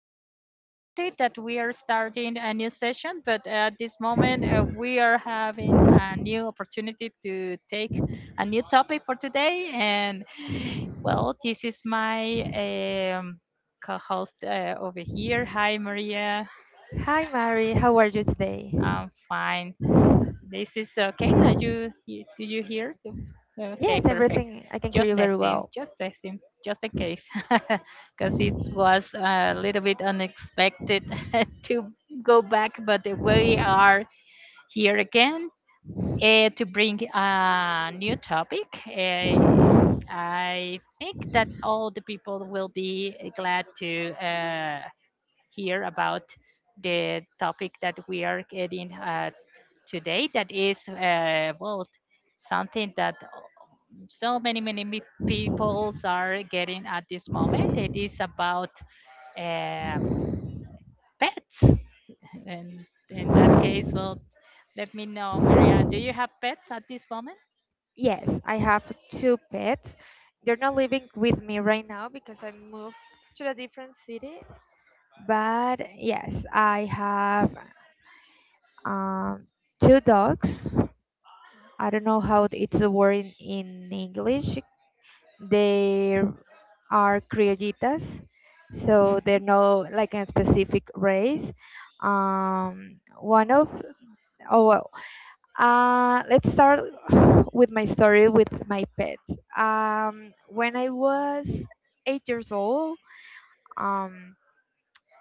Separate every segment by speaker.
Speaker 1: bit unexpected that we are starting a new session, but at this moment we are having a new opportunity to take a new topic for today. And well, this is my co host over here. Hi, Maria.
Speaker 2: Hi, Mary. How are you today?
Speaker 1: I'm fine. This is okay. Are do you hear? Okay,
Speaker 2: Yes,
Speaker 1: perfect.
Speaker 2: everything. I can hear you
Speaker 1: Just
Speaker 2: very
Speaker 1: testing,
Speaker 2: well.
Speaker 1: just testing, just in case, because it was a little bit unexpected to go back, but we are here again to bring a new topic. I think that all the people will be glad to hear about the topic that we are getting today, that is well something that so many peoples are getting at this moment. It is about uh, pets, and in that case, well, let me know, Maria, do you have pets at this moment?
Speaker 2: Yes, I have two pets. They're not living with me right now because I moved to a different city. But yes, I have um, two dogs. I don't know how it's a word in English. They are criollitas, so
Speaker 1: Hmm.
Speaker 2: they're no like a specific race. Um, one of oh, let's start with my story with my pets. When I was 8 years old, um,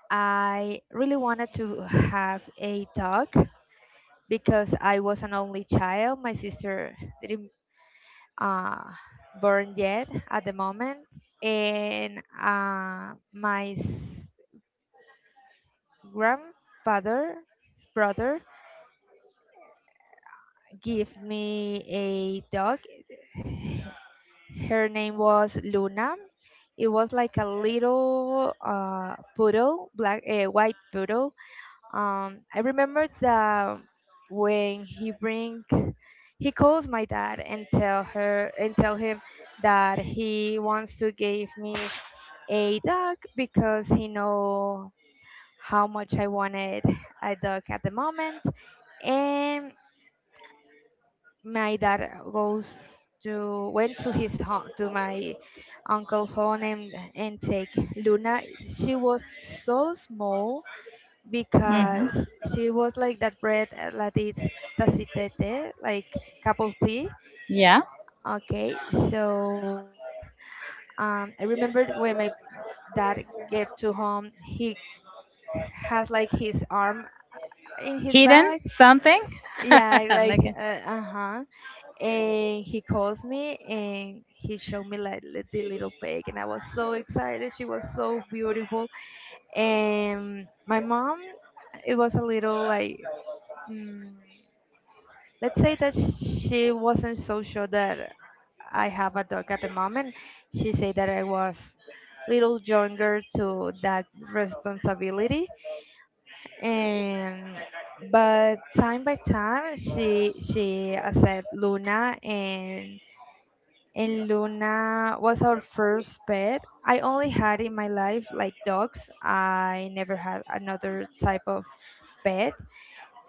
Speaker 2: I really wanted to have a dog because I was an only child. My sister didn't uh, born yet at the moment, and grandfather's brother gave me a dog. Her name was Luna. It was like a little poodle, black, white poodle. I remember that when he bring, he calls my dad and tell her and tell him that he wants to give me a dog because he know how much I wanted a dog at the moment. And my dad goes to went to his home, to my uncle's home, and take Luna. She was so small
Speaker 1: Hmm.
Speaker 2: because she was like that bread that is tacitete, like cup of tea.
Speaker 1: Yeah.
Speaker 2: Okay, so I remember when my dad gave to home, he has like his arm in his
Speaker 1: Hidden
Speaker 2: bag.
Speaker 1: something?
Speaker 2: Yeah, like
Speaker 1: Like,
Speaker 2: uh-huh, and he calls me and he showed me like the little pig, and I was so excited. She was so beautiful. And my mom, it was a little like, mm, let's say that she wasn't so sure that I have a dog at the moment. She said that I was little younger to that responsibility, and but time by time, she accept Luna, and Luna was our first pet. I only had in my life like dogs. I never had another type of pet,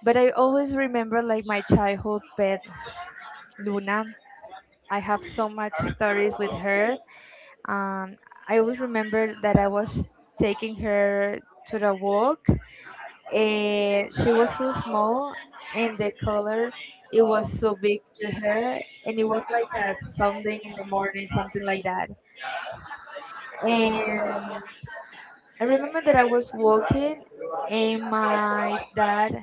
Speaker 2: but I always remember like my childhood pet Luna. I have so much stories with her. Um, I always remember that I was taking her to the walk, and she was so small, and the color it was so big to her, and it was like a Sunday in the morning, something like that. And I remember that I was walking, and my dad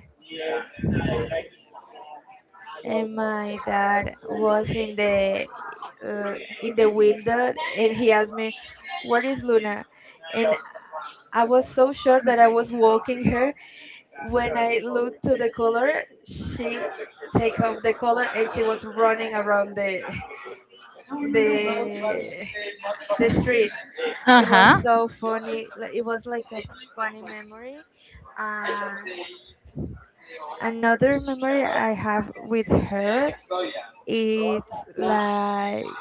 Speaker 2: and my dad was in the window, and he asked me, where is Luna? And I was so sure that I was walking her, when I looked to the collar, she take off the collar, and she was running around the the the street.
Speaker 1: uh
Speaker 2: It was
Speaker 1: huh.
Speaker 2: so funny, like it was like a funny memory. uh, Another memory I have with her, it's like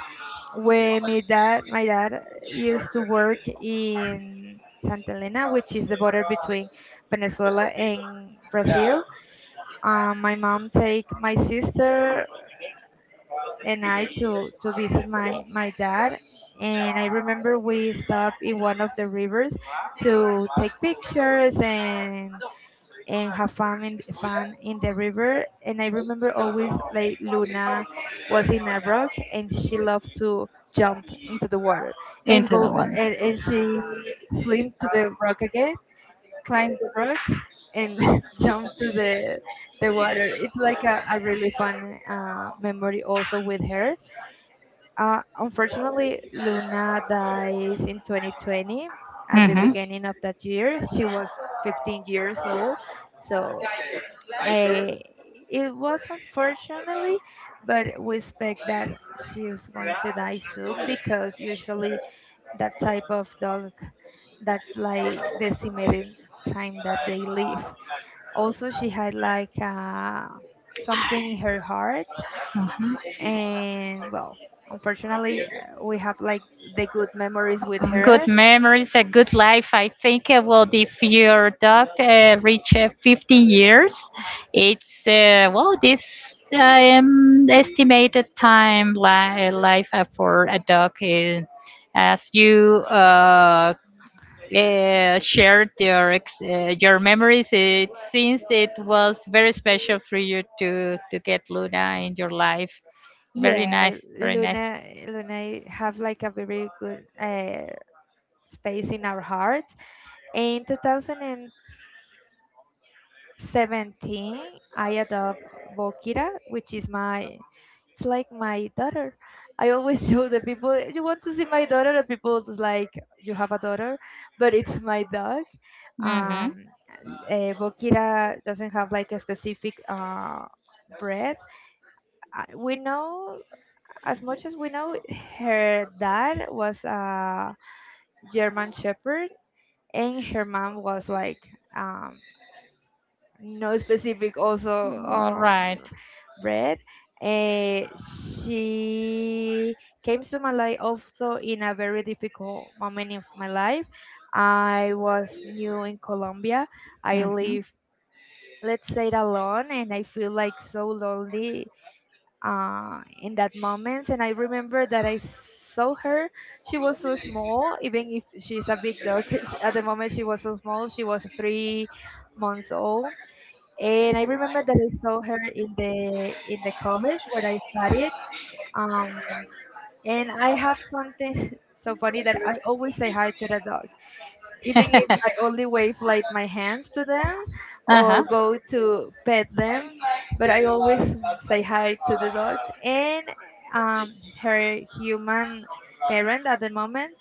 Speaker 2: when my dad used to work in Santa Elena, which is the border between Venezuela and Brazil. My mom take my sister and I to visit my dad, and I remember we stopped in one of the rivers to take pictures and have fun in the river. And I remember always like Luna was in a rock, and she loved to jump into the water and go, and she swim to the rock again, climb the rock, and jump to the water. It's like a really fun memory also with her. Unfortunately, Luna dies in 2020 at the
Speaker 1: Mhm.
Speaker 2: beginning of that year. She was 15 years old. So Eh, it was unfortunately, but we expect that she was going to die soon because usually that type of dog, that's like the estimated time that they live. Also, she had like something in her heart,
Speaker 1: Mhm.
Speaker 2: and well, unfortunately, we have like the good memories with
Speaker 1: Good
Speaker 2: her.
Speaker 1: memories, a good life. I think, well, if your dog reach 50 years, well, this estimated time life for a dog is, as you shared your your memories. It seems it was very special for you to get Luna in your life. Very
Speaker 2: Yeah,
Speaker 1: nice, very nice.
Speaker 2: Luna have like a very good space in our heart. In 2017, I adopt Bokira, which is my, it's like my daughter. I always show the people, you want to see my daughter, the people is like, you have a daughter, but it's my dog.
Speaker 1: Mm-hmm.
Speaker 2: Um, Bokira doesn't have like a specific breed. We know, as much as we know, her dad was a German Shepherd, and her mom was like, um, no specific also
Speaker 1: All right.
Speaker 2: bread. She came to my life also in a very difficult moment of my life. I was new in Colombia. I
Speaker 1: Mm-hmm.
Speaker 2: live, let's say, it alone, and I feel like so lonely in that moment. And I remember that I saw her. She was so small, even if she's a big dog. At the moment, she was so small. She was 3 months old, and I remember that I saw her in the college where I studied. Um, and I have something so funny that I always say hi to the dog, even if I only wave like my hands to them
Speaker 1: Uh huh.
Speaker 2: or go to pet them. But I always say hi to the dogs. And um, her human parent at the moment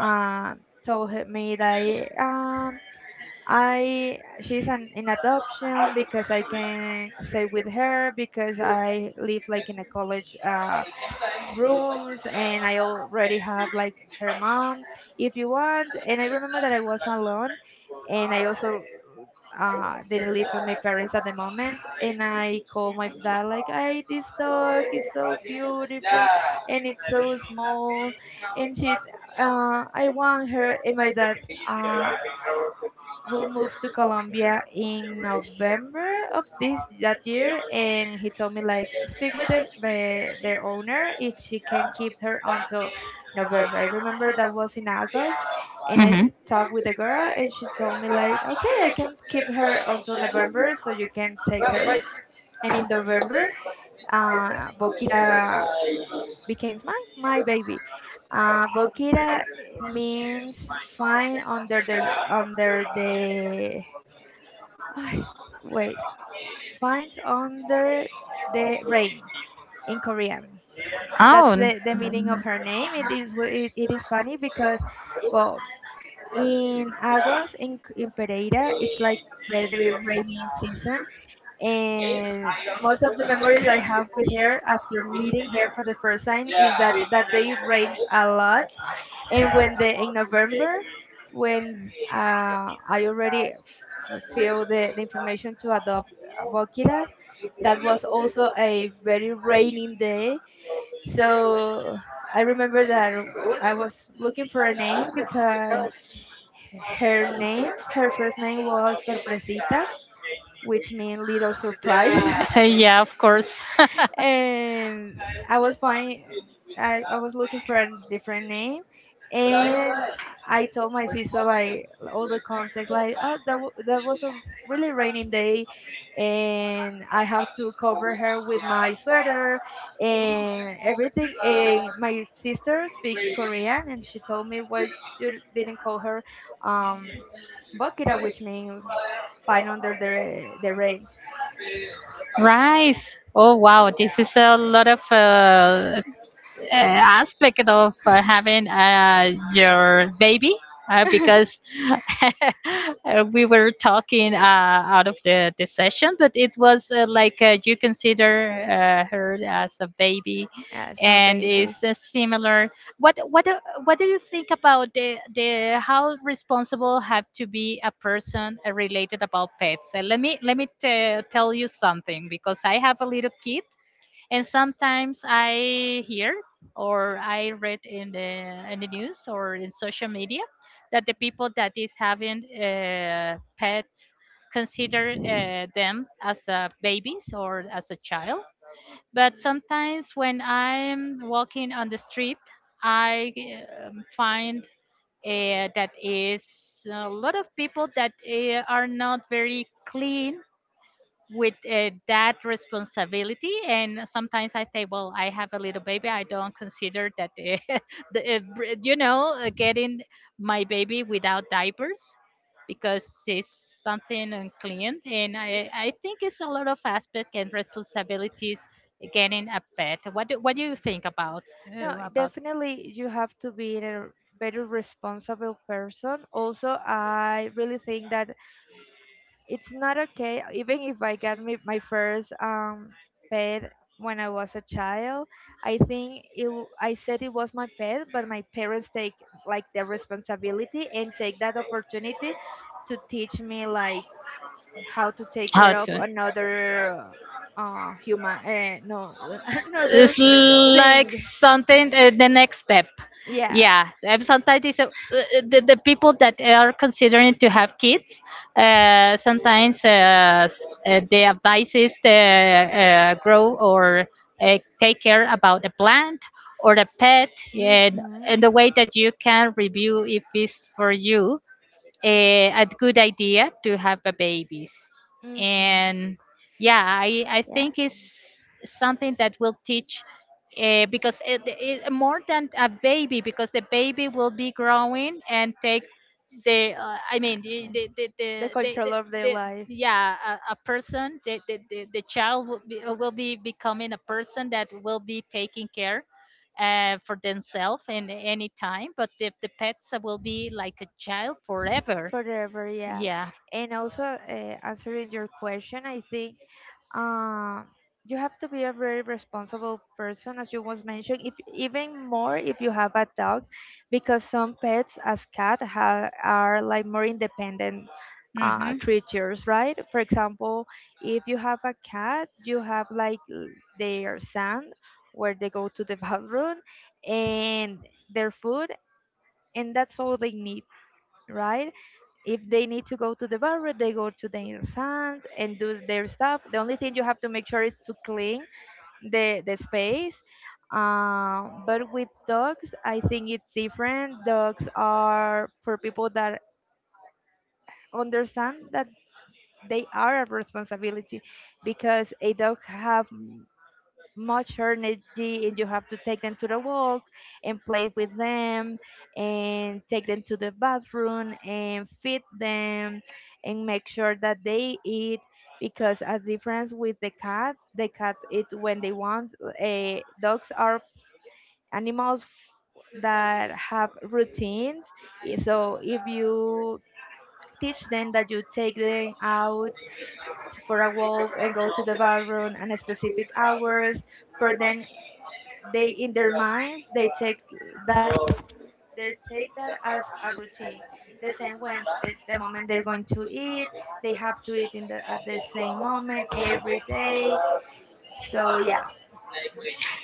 Speaker 2: told me that I she's an in adoption because I can stay with her because I live like in a college rooms, and I already have like her mom if you want. And I remember that I was alone, and I also didn't live with my parents at the moment. And I called my dad like, "Hey, this dog is so beautiful, and it's so small, and she, I want her." And my dad uh, will move to Colombia in November of this that year, and he told me like speak with their owner if she can keep her until November. I remember that was in August, and I
Speaker 1: Hmm.
Speaker 2: talked with the girl, and she told me like okay, I can keep her until November, so you can take her. And in November, Bokira becomes my baby. Bokira means fine under the I wait. Finds under the rain, in Korean.
Speaker 1: Oh,
Speaker 2: That's the meaning of her name. It is it is funny because, well, in August in in Pereira, it's like very rainy season, and most of the memories I have with her after meeting her for the first time is that that day rains a lot, and when the in November, when I already feel the information to adopt Bokira, that was also a very raining day. So I remember that I was looking for a name because her name, her first name was Sorpresita, which means little surprise.
Speaker 1: I say, yeah, of course.
Speaker 2: And I was looking for a different name, and I told my sister like all the context, like oh, that was a really raining day, and I have to cover her with my sweater and everything, and my sister speak Korean, and she told me, why you didn't call her um Bokira, which means find under the rain.
Speaker 1: Rice. Oh wow, this is a lot of aspect of having your baby, because We were talking out of the session, but it was like you consider her as a baby,
Speaker 2: That's my
Speaker 1: and
Speaker 2: baby.
Speaker 1: it's similar. What do you think about the how responsible have to be a person related about pets? Let me tell you something, because I have a little kid, and sometimes I hear or I read in the news or in social media that the people that is having pets consider them as babies or as a child. But sometimes, when I'm walking on the street, I find that is a lot of people that are not very clean with that responsibility. And sometimes I say, well, I have a little baby, I don't consider that the, br- you know getting my baby without diapers, because it's something unclean. And I think it's a lot of aspects and responsibilities getting a pet. What do you think about uh,
Speaker 2: No,
Speaker 1: about
Speaker 2: definitely you have to be a better responsible person. Also, I really think that it's not okay, even if I got me, my first pet when I was a child. I think it, I said it was my pet, but my parents take like the responsibility and take that opportunity to teach me like how to take
Speaker 1: How
Speaker 2: care of
Speaker 1: to?
Speaker 2: another human no,
Speaker 1: It's
Speaker 2: another thing.
Speaker 1: like something. The next step.
Speaker 2: Yeah.
Speaker 1: Yeah, and sometimes the people that are considering to have kids, sometimes the advice is to grow or take care about a plant or a pet. and,
Speaker 2: Hmm.
Speaker 1: and the way that you can review if it's for you a good idea to have a babies.
Speaker 2: Hmm.
Speaker 1: And, yeah, I
Speaker 2: Yeah.
Speaker 1: think it's something that will teach, because it, more than a baby, because the baby will be growing and take the I
Speaker 2: Uh,
Speaker 1: mean the the the,
Speaker 2: the
Speaker 1: the, the, the
Speaker 2: control of their
Speaker 1: the,
Speaker 2: life.
Speaker 1: yeah, a person, the child will be, becoming a person that will be taking care for themselves in any time. But the pets will be like a child forever,
Speaker 2: Forever, yeah.
Speaker 1: yeah.
Speaker 2: And also, answering your question, I think uh, you have to be a very responsible person, as you was mentioned, if, even more if you have a dog, because some pets, as cat, are like more independent
Speaker 1: Hmm.
Speaker 2: creatures, right? For example, if you have a cat, you have like their sand where they go to the bathroom and their food, and that's all they need, right? If they need to go to the barber, they go to the sand and do their stuff. The only thing you have to make sure is to clean the space. But with dogs, I think it's different. Dogs are for people that understand that they are a responsibility because a dog have much energy, and you have to take them to the walk and play with them and take them to the bathroom and feed them and make sure that they eat, because as difference with the cats, the cats eat when they want. Uh, dogs are animals that have routines. Eh, so if you teach them that you take them out for a walk and go to the bathroom at specific hours for them, they in their minds they take that, they take that as a routine. The same when the moment they're going to eat, they have to eat in the at the same moment every day. So yeah.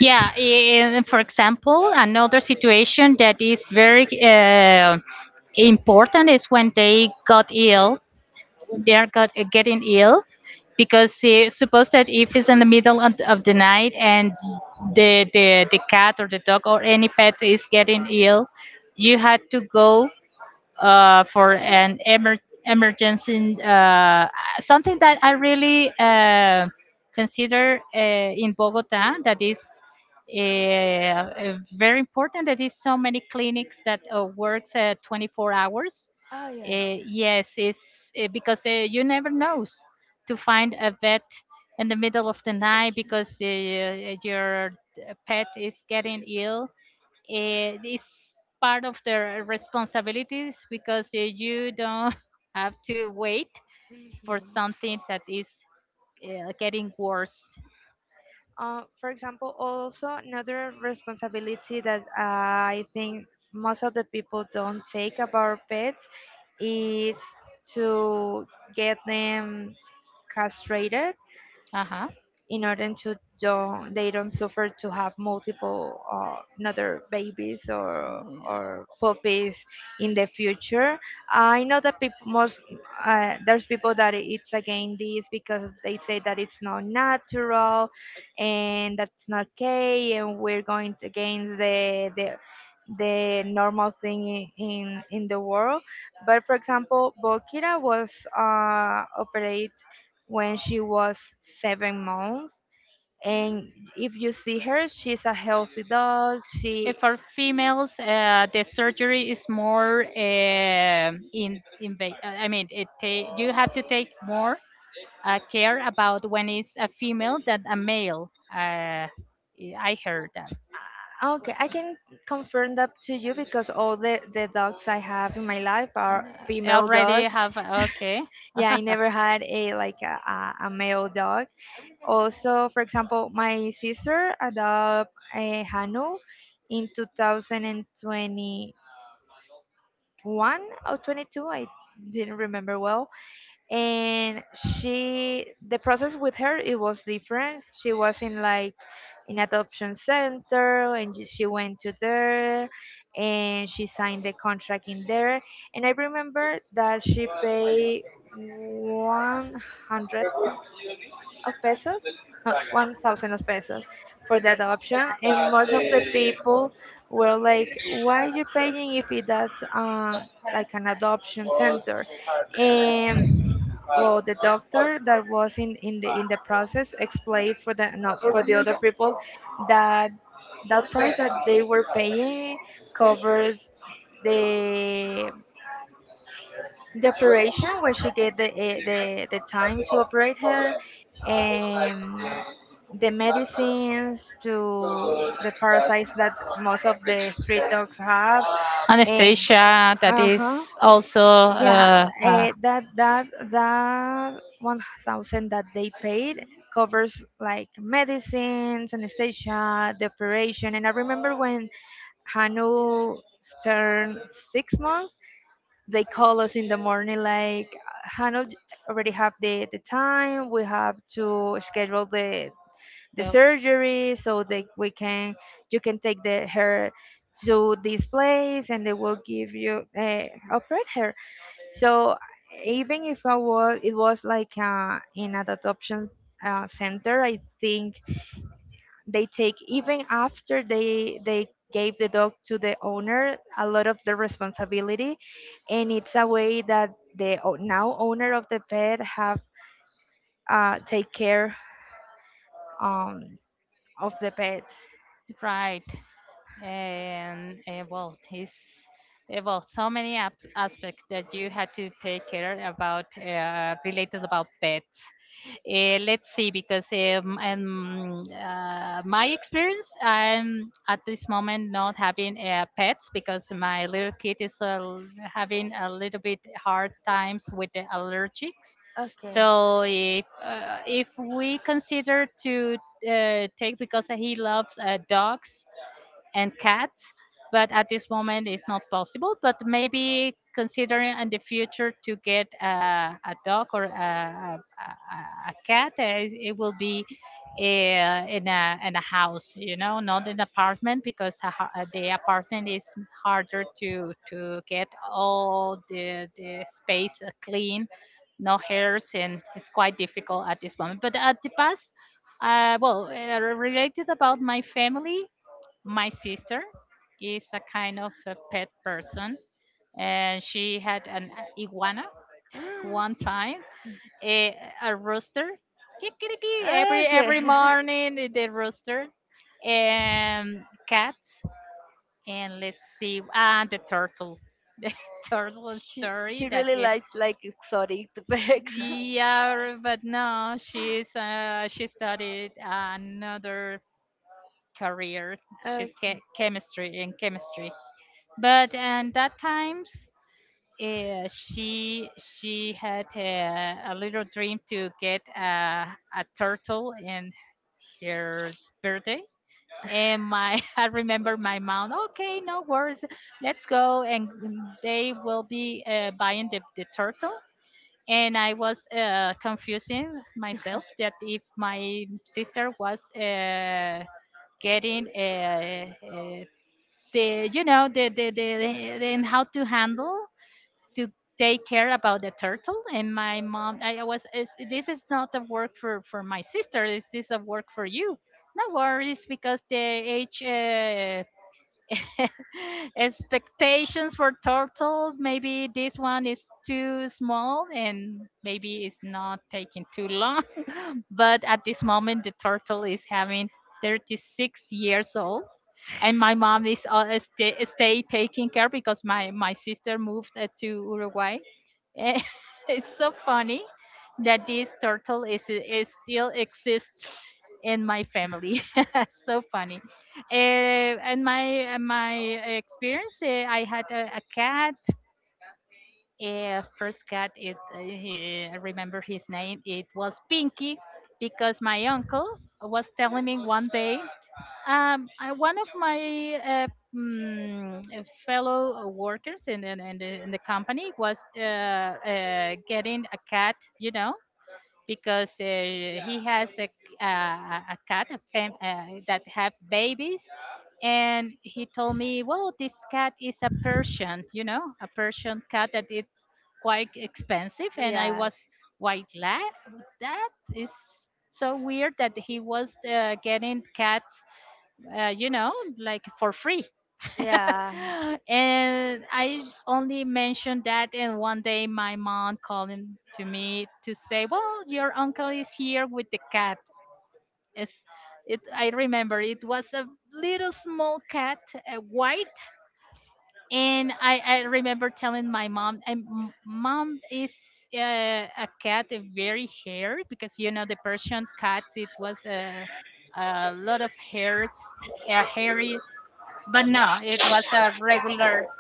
Speaker 1: Yeah. And for example, another situation that is very important is when they got ill. They are got getting ill, because suppose that if it's in the middle of the night and the cat or the dog or any pet is getting ill, you had to go for an emergency, something that I really consider in Bogota. That is very important, that is so many clinics that works 24 hours.
Speaker 2: Oh, yes.
Speaker 1: Yes, it's because you never knows to find a vet in the middle of the night because your pet is getting ill. It's part of their responsibilities, because you don't have to wait for
Speaker 2: Mhm.
Speaker 1: something that is getting worse.
Speaker 2: For example, also another responsibility that I think most of the people don't take about pets is to get them castrated
Speaker 1: Uh huh.
Speaker 2: in order to don't suffer to have multiple another babies or puppies in the future. I know that people most there's people that it's against this because they say that it's not natural and that's not okay, and we're going against the normal thing in the world. But for example, Bokira was operated when she was 7 months, and if you see her, she's a healthy dog she
Speaker 1: If for females, the surgery is more I mean, you have to take more care about when it's a female than a male. I heard that.
Speaker 2: Okay, I can confirm that to you, because all the dogs I have in my life
Speaker 1: Uh,
Speaker 2: are
Speaker 1: I
Speaker 2: female
Speaker 1: already
Speaker 2: dogs.
Speaker 1: have. Okay.
Speaker 2: Yeah, I never had a like a male dog. Also, for example, my sister adopted a hanu in 2021 or 22. I didn't remember well. And she, the process with her, it was different. She was in like an adoption center, and she went to there, and she signed the contract in there. And I remember that she paid 100 of pesos, not 1,000 of pesos, for the adoption. And most of the people were like, why you paying if it that's like an adoption center? And well, the doctor that was in the in the process explained for the not for the other people that that price that they were paying covers the the operation when she get the the time to operate her, and the medicines to the parasites that most of the street dogs have. Eh,
Speaker 1: Anesthesia, that is
Speaker 2: uh-huh.
Speaker 1: also
Speaker 2: Yeah, uh, that that that 1,000 that they paid covers like medicines, anesthesia, the operation. And I remember when Hanu turned 6 months, they call us in the morning like Hanu already have the time. We have to schedule the
Speaker 1: the
Speaker 2: surgery so that we can you can take the her to this place, and they will give you operate her. So even if I was, it was like in an adoption center, I think they take even after they gave the dog to the owner a lot of the responsibility, and it's a way that now owner of the pet have take care um, of the pet.
Speaker 1: right. And well, it's well, so many aspects that you had to take care about related about pets. Let's see, because my experience, I'm at this moment not having pets because my little kid is having a little bit hard times with the allergics.
Speaker 2: Okay.
Speaker 1: So if if we consider to take, because he loves dogs and cats, but at this moment it's not possible. But maybe considering in the future to get a dog or a cat, it will be in a house, not an apartment, because the apartment is harder to get all the space clean, no hairs. And it's quite difficult at this moment, but at the past, well, related about my family, my sister is a kind of a pet person, and she had an iguana
Speaker 2: Mm.
Speaker 1: one time, a rooster. Kikiriki every
Speaker 2: Okay.
Speaker 1: morning, the rooster, and cats, and let's see, and the turtle. The turtle story,
Speaker 2: She really likes like exotic bags.
Speaker 1: yeah, but no, she's she studied another career. She's
Speaker 2: Okay.
Speaker 1: chemistry, in chemistry. But and that times, she had a little dream to get a turtle in her birthday. And my I remember my mom. Okay, no worries. Let's go, and they will be buying the turtle. And I was confusing myself that if my sister was getting a the you know the and how to handle to take care about the turtle. And my mom, this is not a work for my sister, is this is a work for you, no worries, because the age expectations for turtle, maybe this one is too small and maybe it's not taking too long. But at this moment, the turtle is having 36 years old, and my mom is stay taking care, because my sister moved to Uruguay. Eh, it's so funny that this turtle is still exists in my family. So funny. And my experience, I had a cat. First cat, I remember his name. It was Pinky, because my uncle was telling me one day, one of my uh, fellow workers in the company was getting a cat, because he has a, a cat that have babies. And he told me, well, this cat is a Persian, a Persian cat, that it's quite expensive. And I
Speaker 2: Yes.
Speaker 1: was quite glad that is so weird that he was getting cats uh, you know, like for free.
Speaker 2: Yeah.
Speaker 1: And I only mentioned that, and one day my mom calling to me to say, "Well, your uncle is here with the cat." It's, it I remember it was a little small cat, white, and I remember telling my mom, and "Mom is a cat, very hairy, because you know the Persian cats, it was a lot of hairy, but no, it was a regular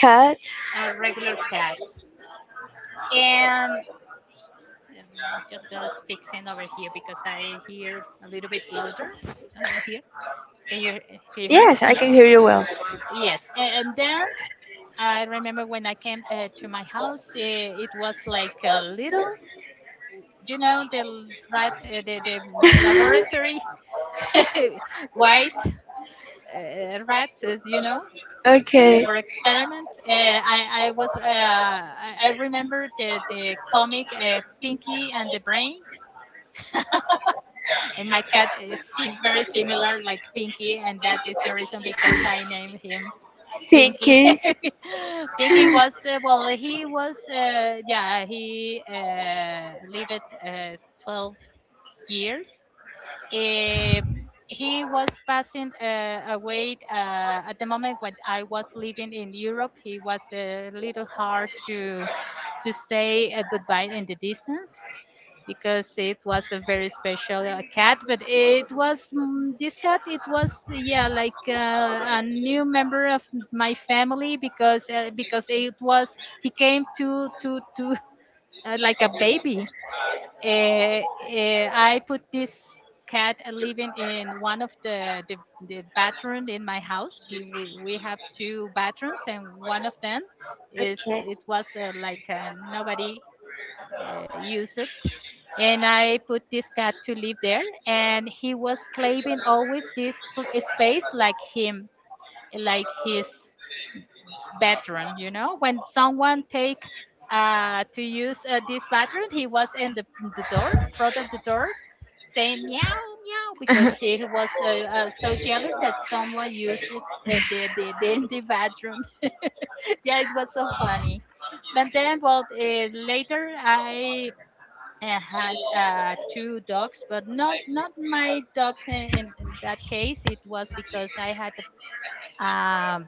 Speaker 2: Cat?
Speaker 1: a regular cat." And um, just fixing over here, because I hear a little bit louder here. Can you can you hear me?
Speaker 2: Yes, I
Speaker 1: Yes.
Speaker 2: can hear you well.
Speaker 1: Yes. And then I remember when I came to my house, it was like a little, rat, the laboratory white rat, as you know,
Speaker 2: Okay.
Speaker 1: for experiment. I remember the comic, Pinky and the Brain, and my cat is very similar like Pinky, and that is the reason because I named him
Speaker 2: Thank
Speaker 1: Pinky.
Speaker 2: you.
Speaker 1: Pinky was well, he lived 12 years, um he was passing away at the moment when I was living in Europe. He was a little hard to say a goodbye in the distance, because it was a very special cat. But it was this cat. It was, yeah, like a new member of my family because it was, he came to like a baby. I put this cat living in one of the bathroom in my house. We have two bathrooms, and one of them is, it was like nobody used it, and I put this cat to live there, and he was claiming always this space like him, like his bathroom, when someone take to use this bathroom, he was in the door, front of the door, saying meow meow because he was so jealous that someone used it, in the bathroom. Yeah, it was so funny. But then, well, later I had two dogs, but not my dogs, in that case. It was because I had a um,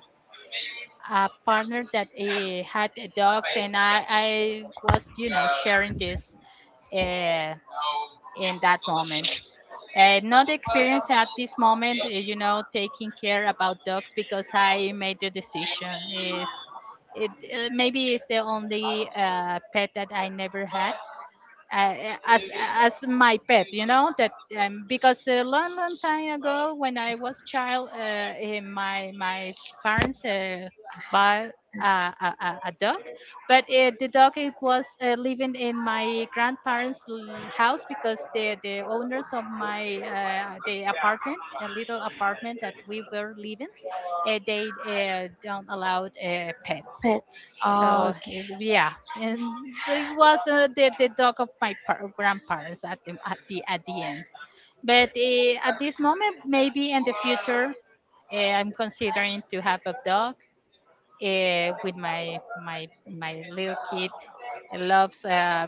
Speaker 1: a partner that had dogs, and I was, sharing this uh, in that moment. Not experience at this moment, taking care about dogs because I made the decision. Is it, maybe it's the only pet that I never had, uh, as my pet, you know. That, because a long long time ago when I was child, my my parents bought a dog. But
Speaker 2: Okay.
Speaker 1: the dog, it was living in my grandparents house because the owners of my, the apartment, the little apartment that we were living, they don't allow pets,
Speaker 2: Pets are
Speaker 1: so yeah, and it was the dog of my grandparents at the end. But at this moment, maybe in the future, I'm considering to have a dog with my my my little kid. He loves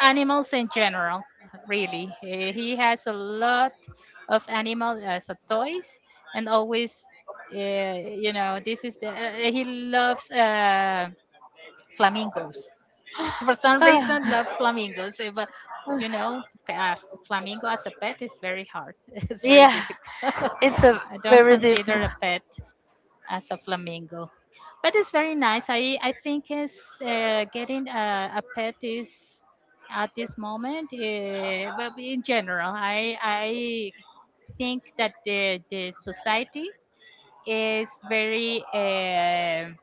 Speaker 1: animals in general, really. He has a lot of animals as a toys, and always, this is the, he loves. Flamingos. For some reason, love flamingos. But you know, to flamingo as a pet is very hard. It's very
Speaker 2: yeah,
Speaker 1: difficult.
Speaker 2: it's a
Speaker 1: I don't
Speaker 2: very different.
Speaker 1: consider a pet as a flamingo, but it's very nice. I think it's, getting a pet is at this moment. Well, in general, I think that the society is very. um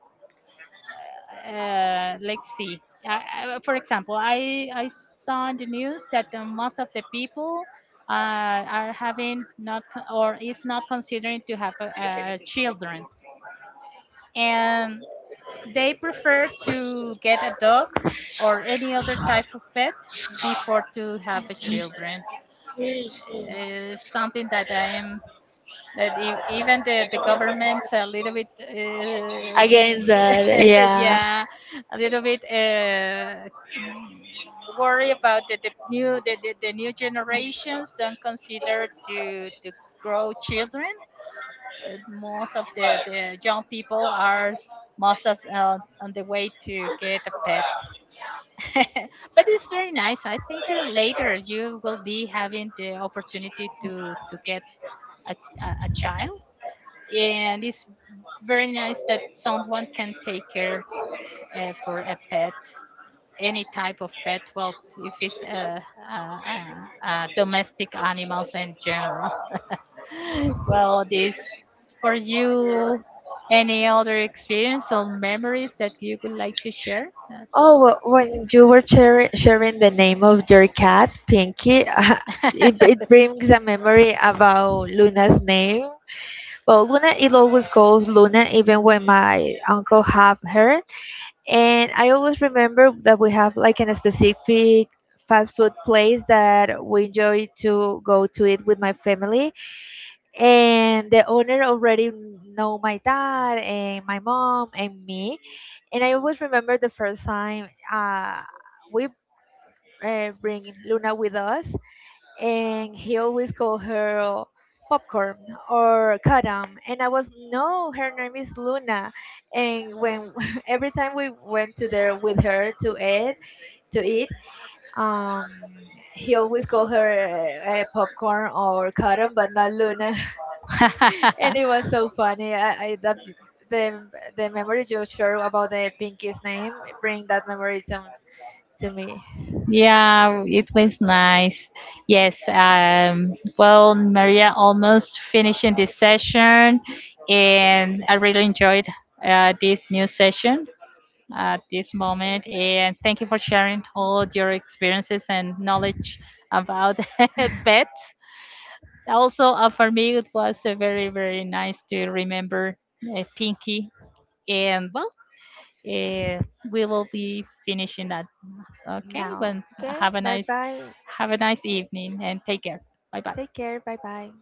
Speaker 1: uh, Let's see. For example, I saw in the news that most of the people uh, are having not or is not considering to have a, uh, children, and they prefer to get a dog or any other type of pet before to have a children.
Speaker 2: Mhm.
Speaker 1: It's something that I am, that even the government's a little bit
Speaker 2: Against that, yeah.
Speaker 1: yeah, a little bit worry about the new the new generations don't consider to grow children. Most of the young people are most of, on the way to get a pet. But it's very nice, I think, later you will be having the opportunity to get a child, and it's very nice that someone can take care for a pet, any type of pet, well, if it's domestic animals in general. Well, this for you, any other experience or memories that you would like to share?
Speaker 2: Oh, when you were sharing the name of your cat, Pinky, it brings a memory about Luna's name. Well, Luna, it always goes Luna, even when my uncle have her. And I always remember that we have like a specific fast food place that we enjoy to go to it with my family. And the owner already know my dad and my mom and me. And I always remember the first time we bring Luna with us, and he always called her popcorn or Kadam, and I was no, her name is Luna. And when every time we went to there with her to eat, um, he always called her popcorn or Kadam, but not Luna, and it was so funny. I that the the memory you share about the pinky's name bring that memory to me
Speaker 1: Yeah, it was nice. Yes, well, Maria, almost finishing this session, and I really enjoyed this new session at this moment. And thank you for sharing all your experiences and knowledge about pets. Also, for me, it was very, very nice to remember Pinky. And well, uh, we will be finishing that. Okay,
Speaker 2: now.
Speaker 1: well,
Speaker 2: Okay?
Speaker 1: have a
Speaker 2: Bye
Speaker 1: nice,
Speaker 2: bye.
Speaker 1: have a nice evening and take care. Bye bye.
Speaker 2: Take care. Bye bye.